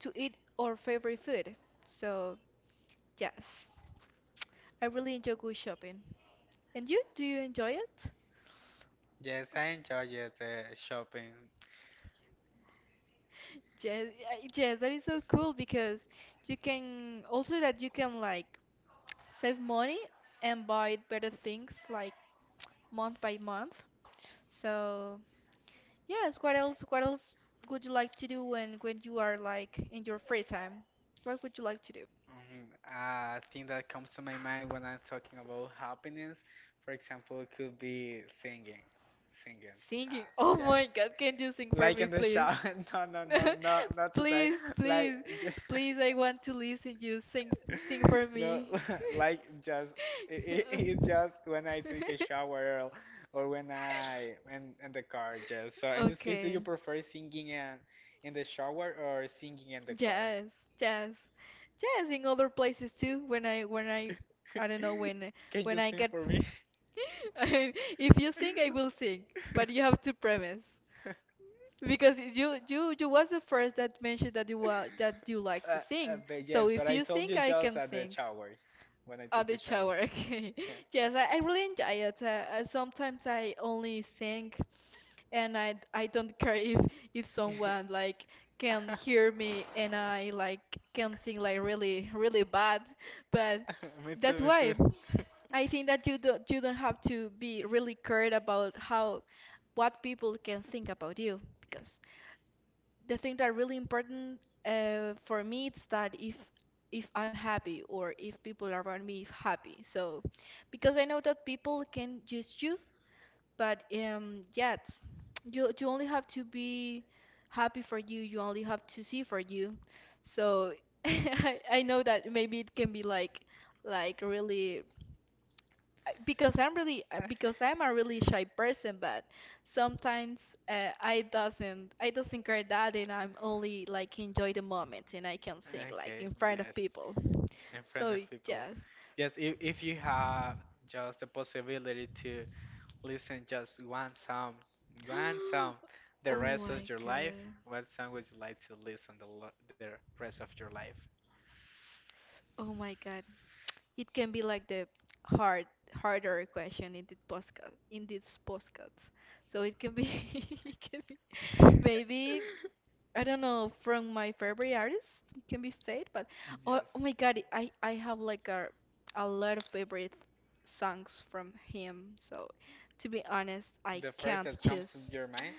B: to eat our favorite food." So, yes. I really enjoy go shopping. And you, do you enjoy it?
A: Yes, I enjoy it, shopping.
B: Yes, yes, that is so cool, because you can also that you can like save money and buy better things like month by month. So, yes, what else would you like to do when you are like in your free time? What would you like to do?
A: Mhm. Thing that comes to my mind when I'm talking about happiness, for example, it could be singing, singing.
B: Singing.
A: Uh,
B: Oh
A: yes,
B: my God, can you sing for
A: like
B: me,
A: in the
B: please?
A: shower. No, no, no, no, not today.
B: Please,
A: Like.
B: please, please, I want to listen you sing for
A: No,
B: me.
A: like, just it's just when I take a shower, or when I in the car. Just so in this case, do you
B: Okay.
A: prefer singing in the shower or singing in the car?
B: Yes, yes, yes. In other places too. When I, I don't know, when,
A: Can
B: when
A: you
B: I
A: sing
B: get.
A: for me?
B: If you sing, I will sing. But you have to premise, because you was the first that mentioned that you like
A: uh,
B: to
A: uh,
B: sing.
A: but
B: So
A: yes, but
B: if
A: I
B: you sing,
A: told you
B: I
A: just
B: can
A: at the
B: sing.
A: shower when I
B: On
A: take a
B: the
A: shower.
B: shower, okay. Yes, I really enjoy it. Sometimes I only sing, and I don't care if someone like can hear me, and I like can sing like really really bad, but
A: Me too,
B: that's
A: me too.
B: why I think that you don't have to be really cared about how what people can think about you, because the thing that really important for me is that if I'm happy, or if people around me happy, so because I know that people can judge you, but yet, you only have to be happy for you. You only have to see for you. So I know that maybe it can be like really, because I'm a really shy person, but sometimes I doesn't care that, and I'm only like enjoy the moment, and I can sing like
A: Okay,
B: in front of
A: yes.
B: people.
A: In front
B: So
A: of people.
B: yes.
A: Yes, if you have just the possibility to listen just one song, the
B: Oh
A: rest of
B: my
A: your life,
B: God.
A: what song would you like to listen the rest of your life?
B: Oh my God. It can be like the hard harder question in this podcast. So it can be it can be maybe I don't know from my favorite artist. It can be Fate, but oh,
A: Yes.
B: oh my God, I have like a lot of favorite songs from him. So to be honest, I
A: The first
B: can't
A: that comes to
B: choose.
A: your mind?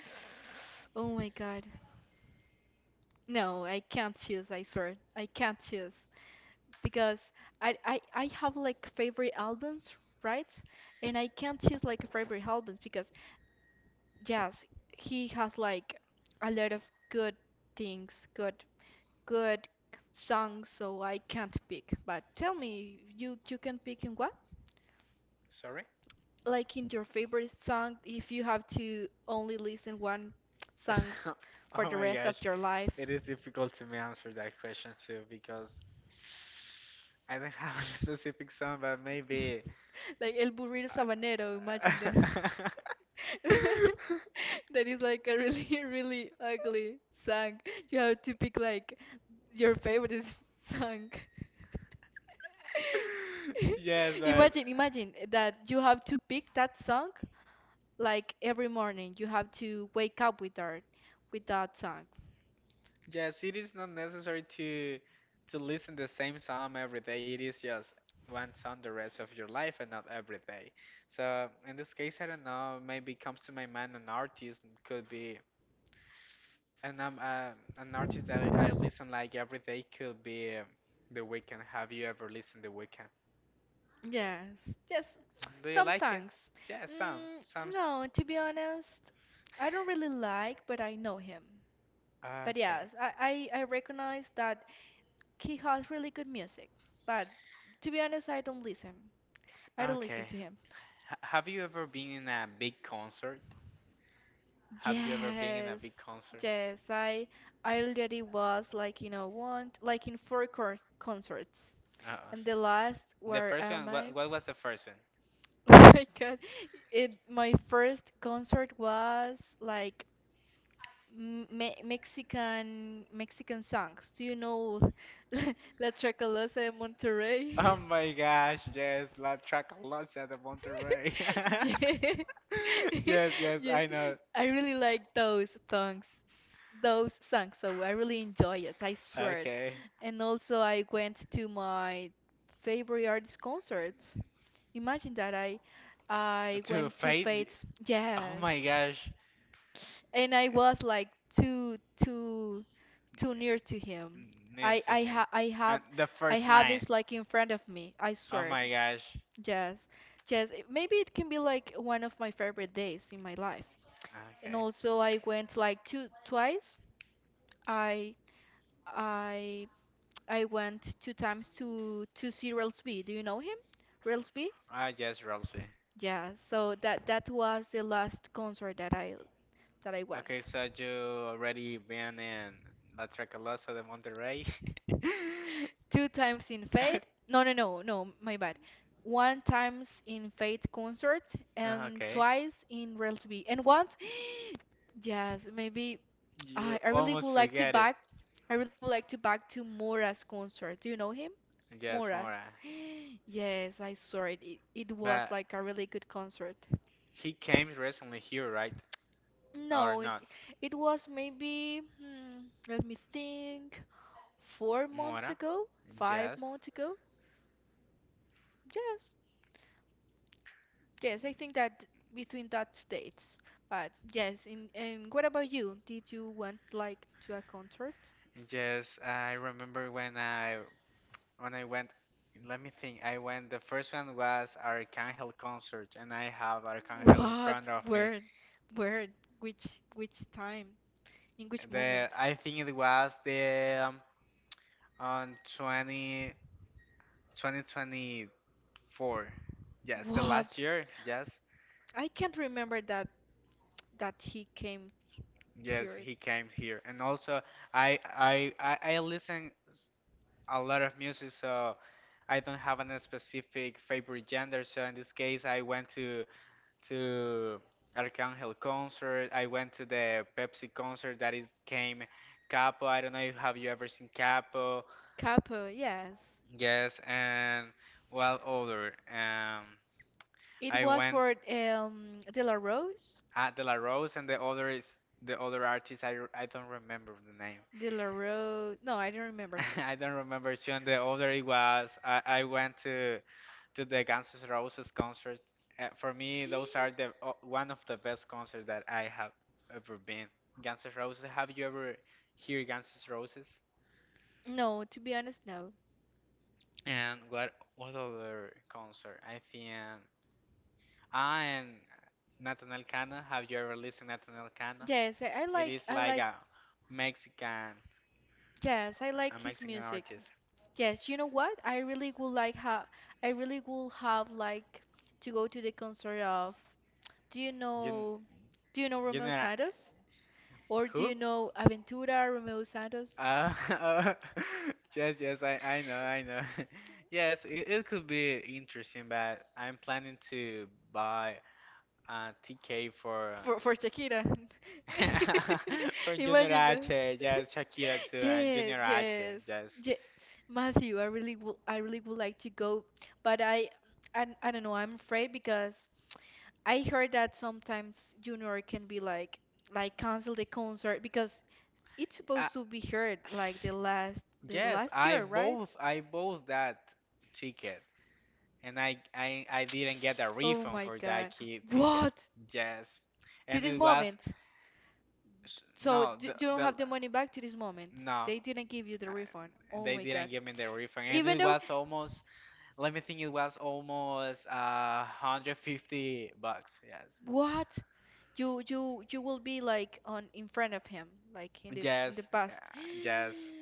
B: Oh my God, no, I can't choose. I swear, I can't choose. Because I have like favorite albums, right? And I can't choose like a favorite albums, because yes, he has like a lot of good things, good songs, so I can't pick. But tell me, you can pick in what?
A: Sorry?
B: Like in your favorite song, if you have to only listen one song for
A: Oh
B: the
A: my
B: rest of
A: gosh.
B: your
A: It
B: life.
A: is difficult to me answer that question too because I don't have a specific song, but maybe.
B: Like El Burrito Sabanero, imagine that. That is like a really, really ugly song. You have to pick like your favorite song.
A: Yes, but
B: Imagine, imagine that you have to pick that song like every morning. You have to wake up with that song.
A: yes, it is not necessary to listen the same song every day. It is just one song the rest of your life and not every day. So in this case, I don't know. Maybe comes to my mind an artist could be I don't know, an artist that I listen like every day could be The Weeknd. Have you ever listened The Weeknd?
B: Yes, yes,
A: Do you
B: some
A: like it?
B: songs.
A: Yeah, some
B: Mm,
A: some.
B: no, to be honest, I don't really like, but I know him. But
A: Okay,
B: yes, I recognize that he has really good music, but to be honest, I don't listen. I don't listen
A: okay.
B: to him.
A: H have you ever been in a big concert? Have you ever been in a
B: Yes,
A: big concert?
B: yes. I already was like one, like, in four cons concerts,
A: Uh,
B: and the last,
A: the
B: where
A: first
B: am
A: one,
B: I?
A: what, what was the first one?
B: Oh my God! It, my first concert was like m me Mexican songs. Do you know La Tracalosa de
A: Oh
B: Monterrey?
A: my gosh, yes, La Tracalosa de Monterrey.
B: Yeah.
A: Yes, yes,
B: Yeah.
A: I know.
B: I really like those songs, so I really enjoy it, I swear.
A: Okay.
B: And also I went to my favorite artist concerts. Imagine that I
A: To
B: went to
A: fight?
B: Fates.
A: Oh
B: Yes.
A: my gosh.
B: And I was like too too too near to him.
A: Need
B: I
A: to
B: I
A: hang.
B: ha I
A: And
B: have
A: the
B: I
A: first
B: have
A: line.
B: his, like, in front of me. I
A: Oh
B: swear.
A: my gosh.
B: Yes, yes. Maybe it can be like one of my favorite days in my life. And
A: Okay.
B: also, I went like two, twice. I I I went two times to see Rels B. Do you know him? Rels B?
A: Ah, yes, Ralphie.
B: Yeah. So that was the last concert that I
A: Okay,
B: went.
A: so you already been in La Tracalosa de Monterrey?
B: Two times in Fade. No, no, no, no. My bad. One times in Fade concert
A: Ah,
B: and
A: okay.
B: twice in Rels B. And once. Yes, maybe I,
A: You
B: I really
A: almost
B: would like to
A: forget it.
B: back. I really would like to back to Mora's concert. Do you know him?
A: Yes,
B: Mora.
A: Mora.
B: Yes, I saw it. It was
A: But
B: like a really good concert.
A: he came recently here, right? Or
B: No, it,
A: not?
B: it was maybe, let me think, 4 months
A: Mora?
B: ago, five
A: Yes.
B: months ago. Yes, yes, I think that between that states. But yes, and what about you? Did you went like to a concert?
A: Yes, I remember when I went, let me think. I went, the first one was Arcangel concert and I have Arcangel in
B: What?
A: front of me.
B: Where? Where? Which which time? In which moment?
A: The I think it was the on twenty twenty four. Yes, the
B: What?
A: last year. Yes.
B: I can't remember that he came
A: Yes,
B: here.
A: he came here. And also I listen a lot of music, so I don't have any specific favorite gender, so in this case, I went to Arcángel concert. I went to the Pepsi concert that is came Capo. I don't know if have you ever seen Capo?
B: Capo, yes.
A: Yes, and well, other.
B: It
A: I
B: was
A: went
B: for De La Rose?
A: at De La Rose, and the other is the other artist. I don't remember the name.
B: De La Rose. No, I don't remember too.
A: I don't remember too. And the other, it was I went to the Guns N' Roses concert. For me, those are the o one of the best concerts that I have ever been. Guns N' Roses. Have you ever heard Guns N' Roses?
B: No, to be honest, no.
A: And what other concert? I think and Nathan Cano. Have you ever listened to Nathan Cano?
B: Yes, I, I
A: It is
B: like I
A: like
B: like,
A: Mexican
B: yes, I
A: a
B: like his
A: Mexican
B: music.
A: artist.
B: Yes, you know what? I really would like ha I really would have like to go to the concert of, do you
A: You,
B: know do you know
A: you
B: Romeo
A: know
B: Santos? Or do
A: who?
B: you know Aventura, Romeo Santos?
A: Uh, yes, yes, I know. Yes, it could be interesting, but I'm planning to buy a TK for
B: For Shakira.
A: uh, from Junior
B: Imagine that.
A: H. Yes, Shakira too, and
B: Yes,
A: Junior H.
B: yes.
A: Yes.
B: Ye- Matthew, I really would like to go, but I don't know, I'm afraid because I heard that sometimes Junior can be like, cancel the concert because it's
A: Uh,
B: supposed to be heard like the
A: yes,
B: last
A: I
B: year, right?
A: both I bought that ticket, and I didn't get a
B: Oh
A: refund
B: my
A: for that
B: God.
A: key ticket.
B: What?
A: Yes,
B: To
A: and
B: this
A: it was
B: moment. So
A: no,
B: d
A: the
B: you don't
A: the
B: have the money back to this moment.
A: no,
B: They didn't give you the refund.
A: and
B: Oh
A: they
B: my
A: didn't
B: God.
A: give me the refund, and
B: Even
A: it
B: though
A: was almost, let me think, it was almost 150 bucks. Yes,
B: what? You will be like on, in front of him, like in the
A: yes, yeah,
B: past.
A: yes,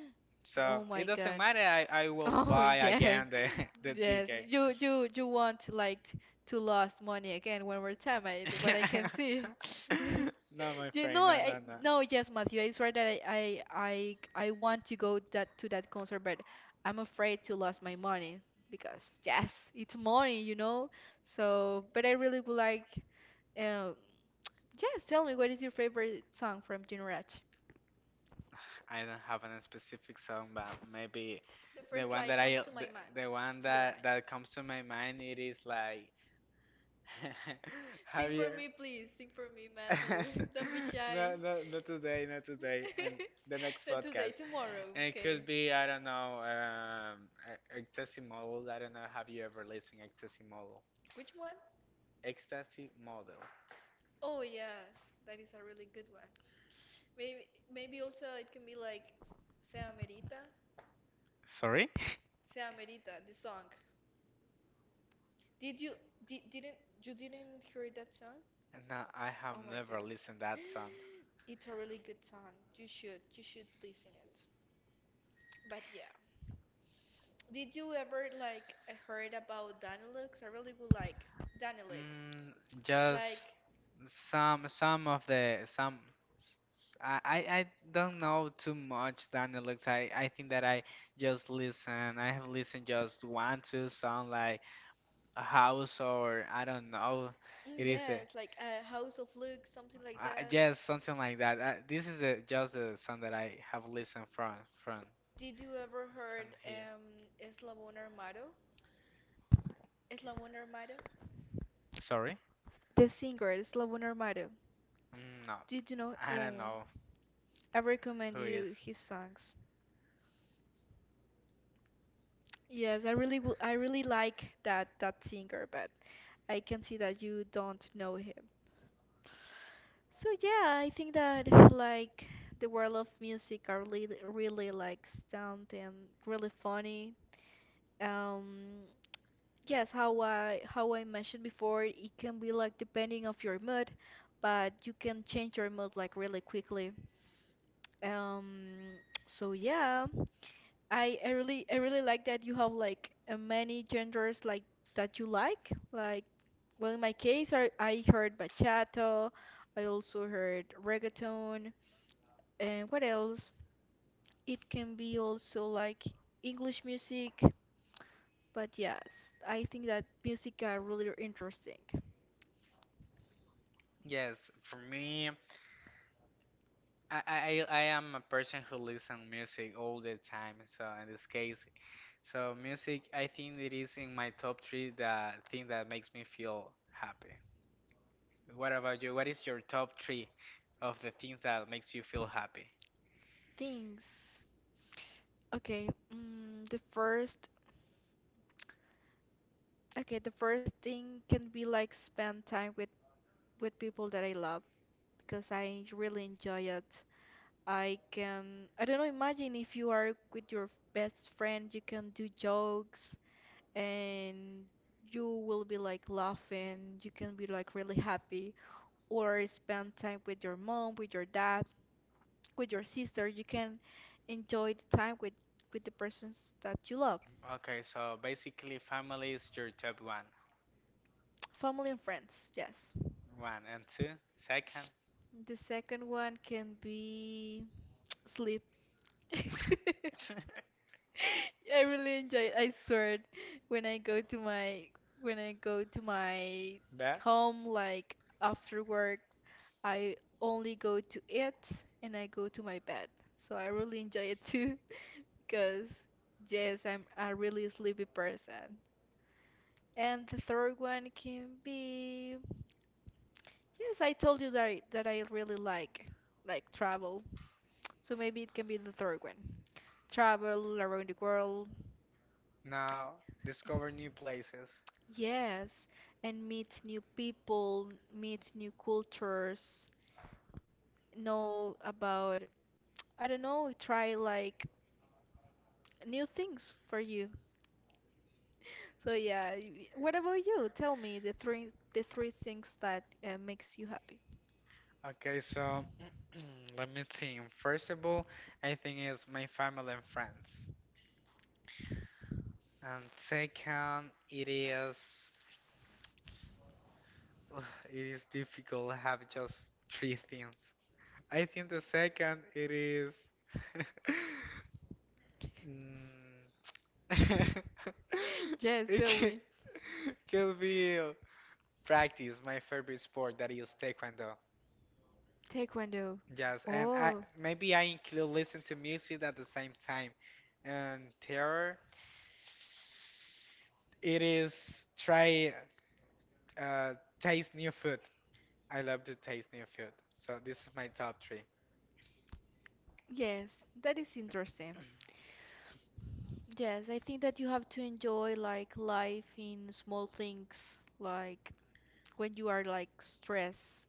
A: so
B: Oh
A: it
B: my
A: doesn't
B: God.
A: matter. I will
B: Oh
A: buy
B: yes,
A: again the the
B: yes.
A: ticket.
B: You want like to lose money again one more time. I what I can see.
A: No, my
B: You know,
A: friend. No, no, no,
B: no, yes, Matthew, it's right that I want to go that to that concert, but I'm afraid to lose my money because yes, it's money, you know. So, but I really would like. Um, yes, tell me, what is your favorite song from Junior?
A: I don't have a specific song, but maybe
B: The
A: The
B: first
A: one
B: lie
A: that
B: comes
A: I
B: to my
A: the,
B: mind,
A: the one
B: to your
A: that
B: mind.
A: that comes to my mind, it is like have
B: Sing
A: you
B: for me, please. Sing for me, Matthew. Don't be shy.
A: no, no, not today, not today. And the next
B: Not today,
A: podcast.
B: tomorrow.
A: And it could
B: Okay.
A: be, I don't know, ecstasy model. I don't know, have you ever listened ecstasy model,
B: Which one?
A: ecstasy model?
B: Oh yes, that is a really good one. Maybe maybe also it can be like Se Amerita.
A: Sorry?
B: Se Amerita, the song. Did you di didn't you didn't hear that song?
A: No, I have
B: Oh my
A: never
B: God.
A: listened that song.
B: It's a really good song. You should listen it. But yeah, did you ever like heard about Danilux? I really would like Danilux.
A: Just
B: Like,
A: Some of the some s- s- I I don't know too much Daniel Lux. I think that I just listen. I have listened just one two song like a house or I don't know. It is a,
B: yes, like a House of Lux, something like that.
A: yes, something like that. This is a, just a song that I have listened from from
B: Did you ever
A: from
B: heard
A: here.
B: Eslabón Armado? Eslabón Armado?
A: Sorry?
B: The singer, Eslabón Armado.
A: Mm, no,
B: Did you know?
A: I don't
B: Oh,
A: know
B: I recommend
A: who
B: you
A: is.
B: his songs. Yes, I really like that singer, but I can see that you don't know him. So yeah, I think that like the world of music are really, really like stunt and really funny. Um, yes, how I mentioned before, it can be like depending of your mood, but you can change your mood like really quickly. Um, so yeah, I really like that you have like many genders like that you like. Like, well, in my case, I heard bachata. I also heard reggaeton. And what else? It can be also like English music, but yes, I think that music are really interesting.
A: Yes, for me. I am a person who listens music all the time. So in this case, so music, I think it is in my top three the thing that makes me feel happy. What about you? What is your top three of the things that makes you feel happy?
B: Things. Okay, okay, the first thing can be like spend time with people that I love because I really enjoy it. I can, I don't know, imagine if you are with your best friend, you can do jokes and you will be like laughing, you can be like really happy. Or spend time with your mom, with your dad, with your sister. You can enjoy the time with the persons that you love,
A: Okay, so basically, family is your top one,
B: family and friends. Yes.
A: one and two, second.
B: The second one can be sleep. I really enjoy it. I swear, when I go to my
A: Bad.
B: home, like after work, I only go to it and I go to my bed. So I really enjoy it too. Because, yes, I'm a really sleepy person. And the third one can be, yes, I told you that I really like, travel. So maybe it can be the third one. Travel around the world.
A: Now discover new places.
B: Yes, and meet new people, meet new cultures, know about, I don't know, try like new things for you. So yeah, what about you? Tell me the three things that makes you happy.
A: Okay, so let me think. First of all, I think it's my family and friends. And second, it is ugh, it is difficult to have just three things. I think the second it is Mm.
B: Yes,
A: it
B: tell
A: can,
B: me.
A: can be practice my favorite sport that is taekwondo.
B: Taekwondo.
A: Yes, and I
B: Oh,
A: maybe I include listen to music at the same time. And terror, it is try uh taste new food. I love to taste new food. So this is my top three.
B: yes, that is interesting. Yes, I think that you have to enjoy like life in small things, like when you are like stressed,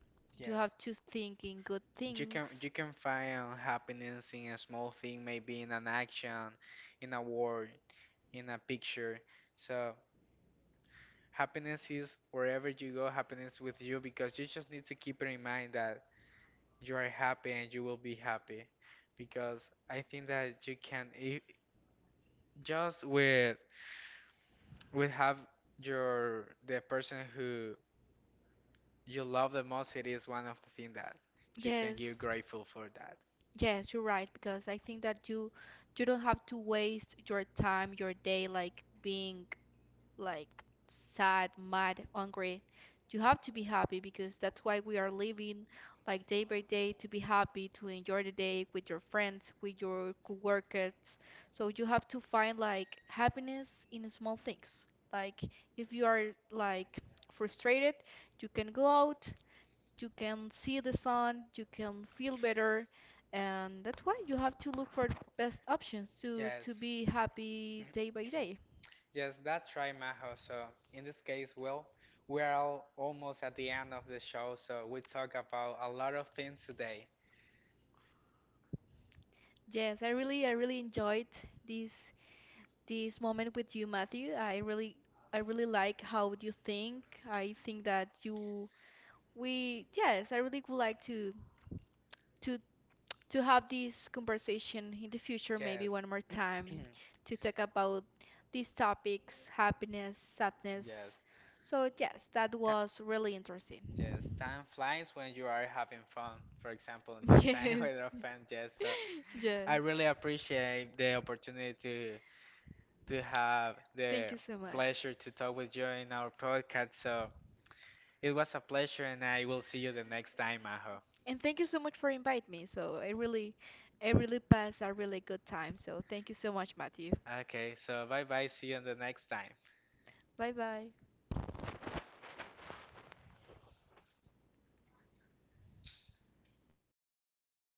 B: you
A: Yes.
B: have to think in good
A: You
B: things.
A: can you can find happiness in a small thing, maybe in an action, in a word, in a picture. So happiness is wherever you go, happiness with you because you just need to keep in mind that you are happy and you will be happy, because I think that you can if, just with have your the person who you love the most, it is one of the things that you can give
B: Yes,
A: grateful for that.
B: yes, you're right because I think that you don't have to waste your time, your day like being like sad, mad, hungry. You have to be happy because that's why we are living like day by day to be happy, to enjoy the day with your friends, with your coworkers. So you have to find like happiness in small things. Like if you are like frustrated, you can go out, you can see the sun, you can feel better, and that's why you have to look for the best options to
A: Yes,
B: be happy day by day.
A: yes, that's right, Maho. So in this case, well, we are all almost at the end of the show, so we talk about a lot of things today.
B: Yes, I really enjoyed this this moment with you, Matthew. I really like how you think. I think that you we, yes, I really would like to to have this conversation in the future, maybe
A: Yes.
B: one more time, to talk about these topics, happiness, sadness.
A: Yes.
B: So yes, that was really interesting.
A: Yes, time flies when you are having fun. For example, this time
B: Yes.
A: with our friend Jess. So
B: Yes.
A: I really appreciate the opportunity to have
B: Thank
A: the
B: you so much.
A: pleasure to talk with you in our podcast. So it was a pleasure, and I will see you the next time, Maho.
B: And thank you so much for inviting me. So I really passed a really good time. So thank you so much, Matthew.
A: Okay, so bye bye. See you the next time.
B: Bye bye.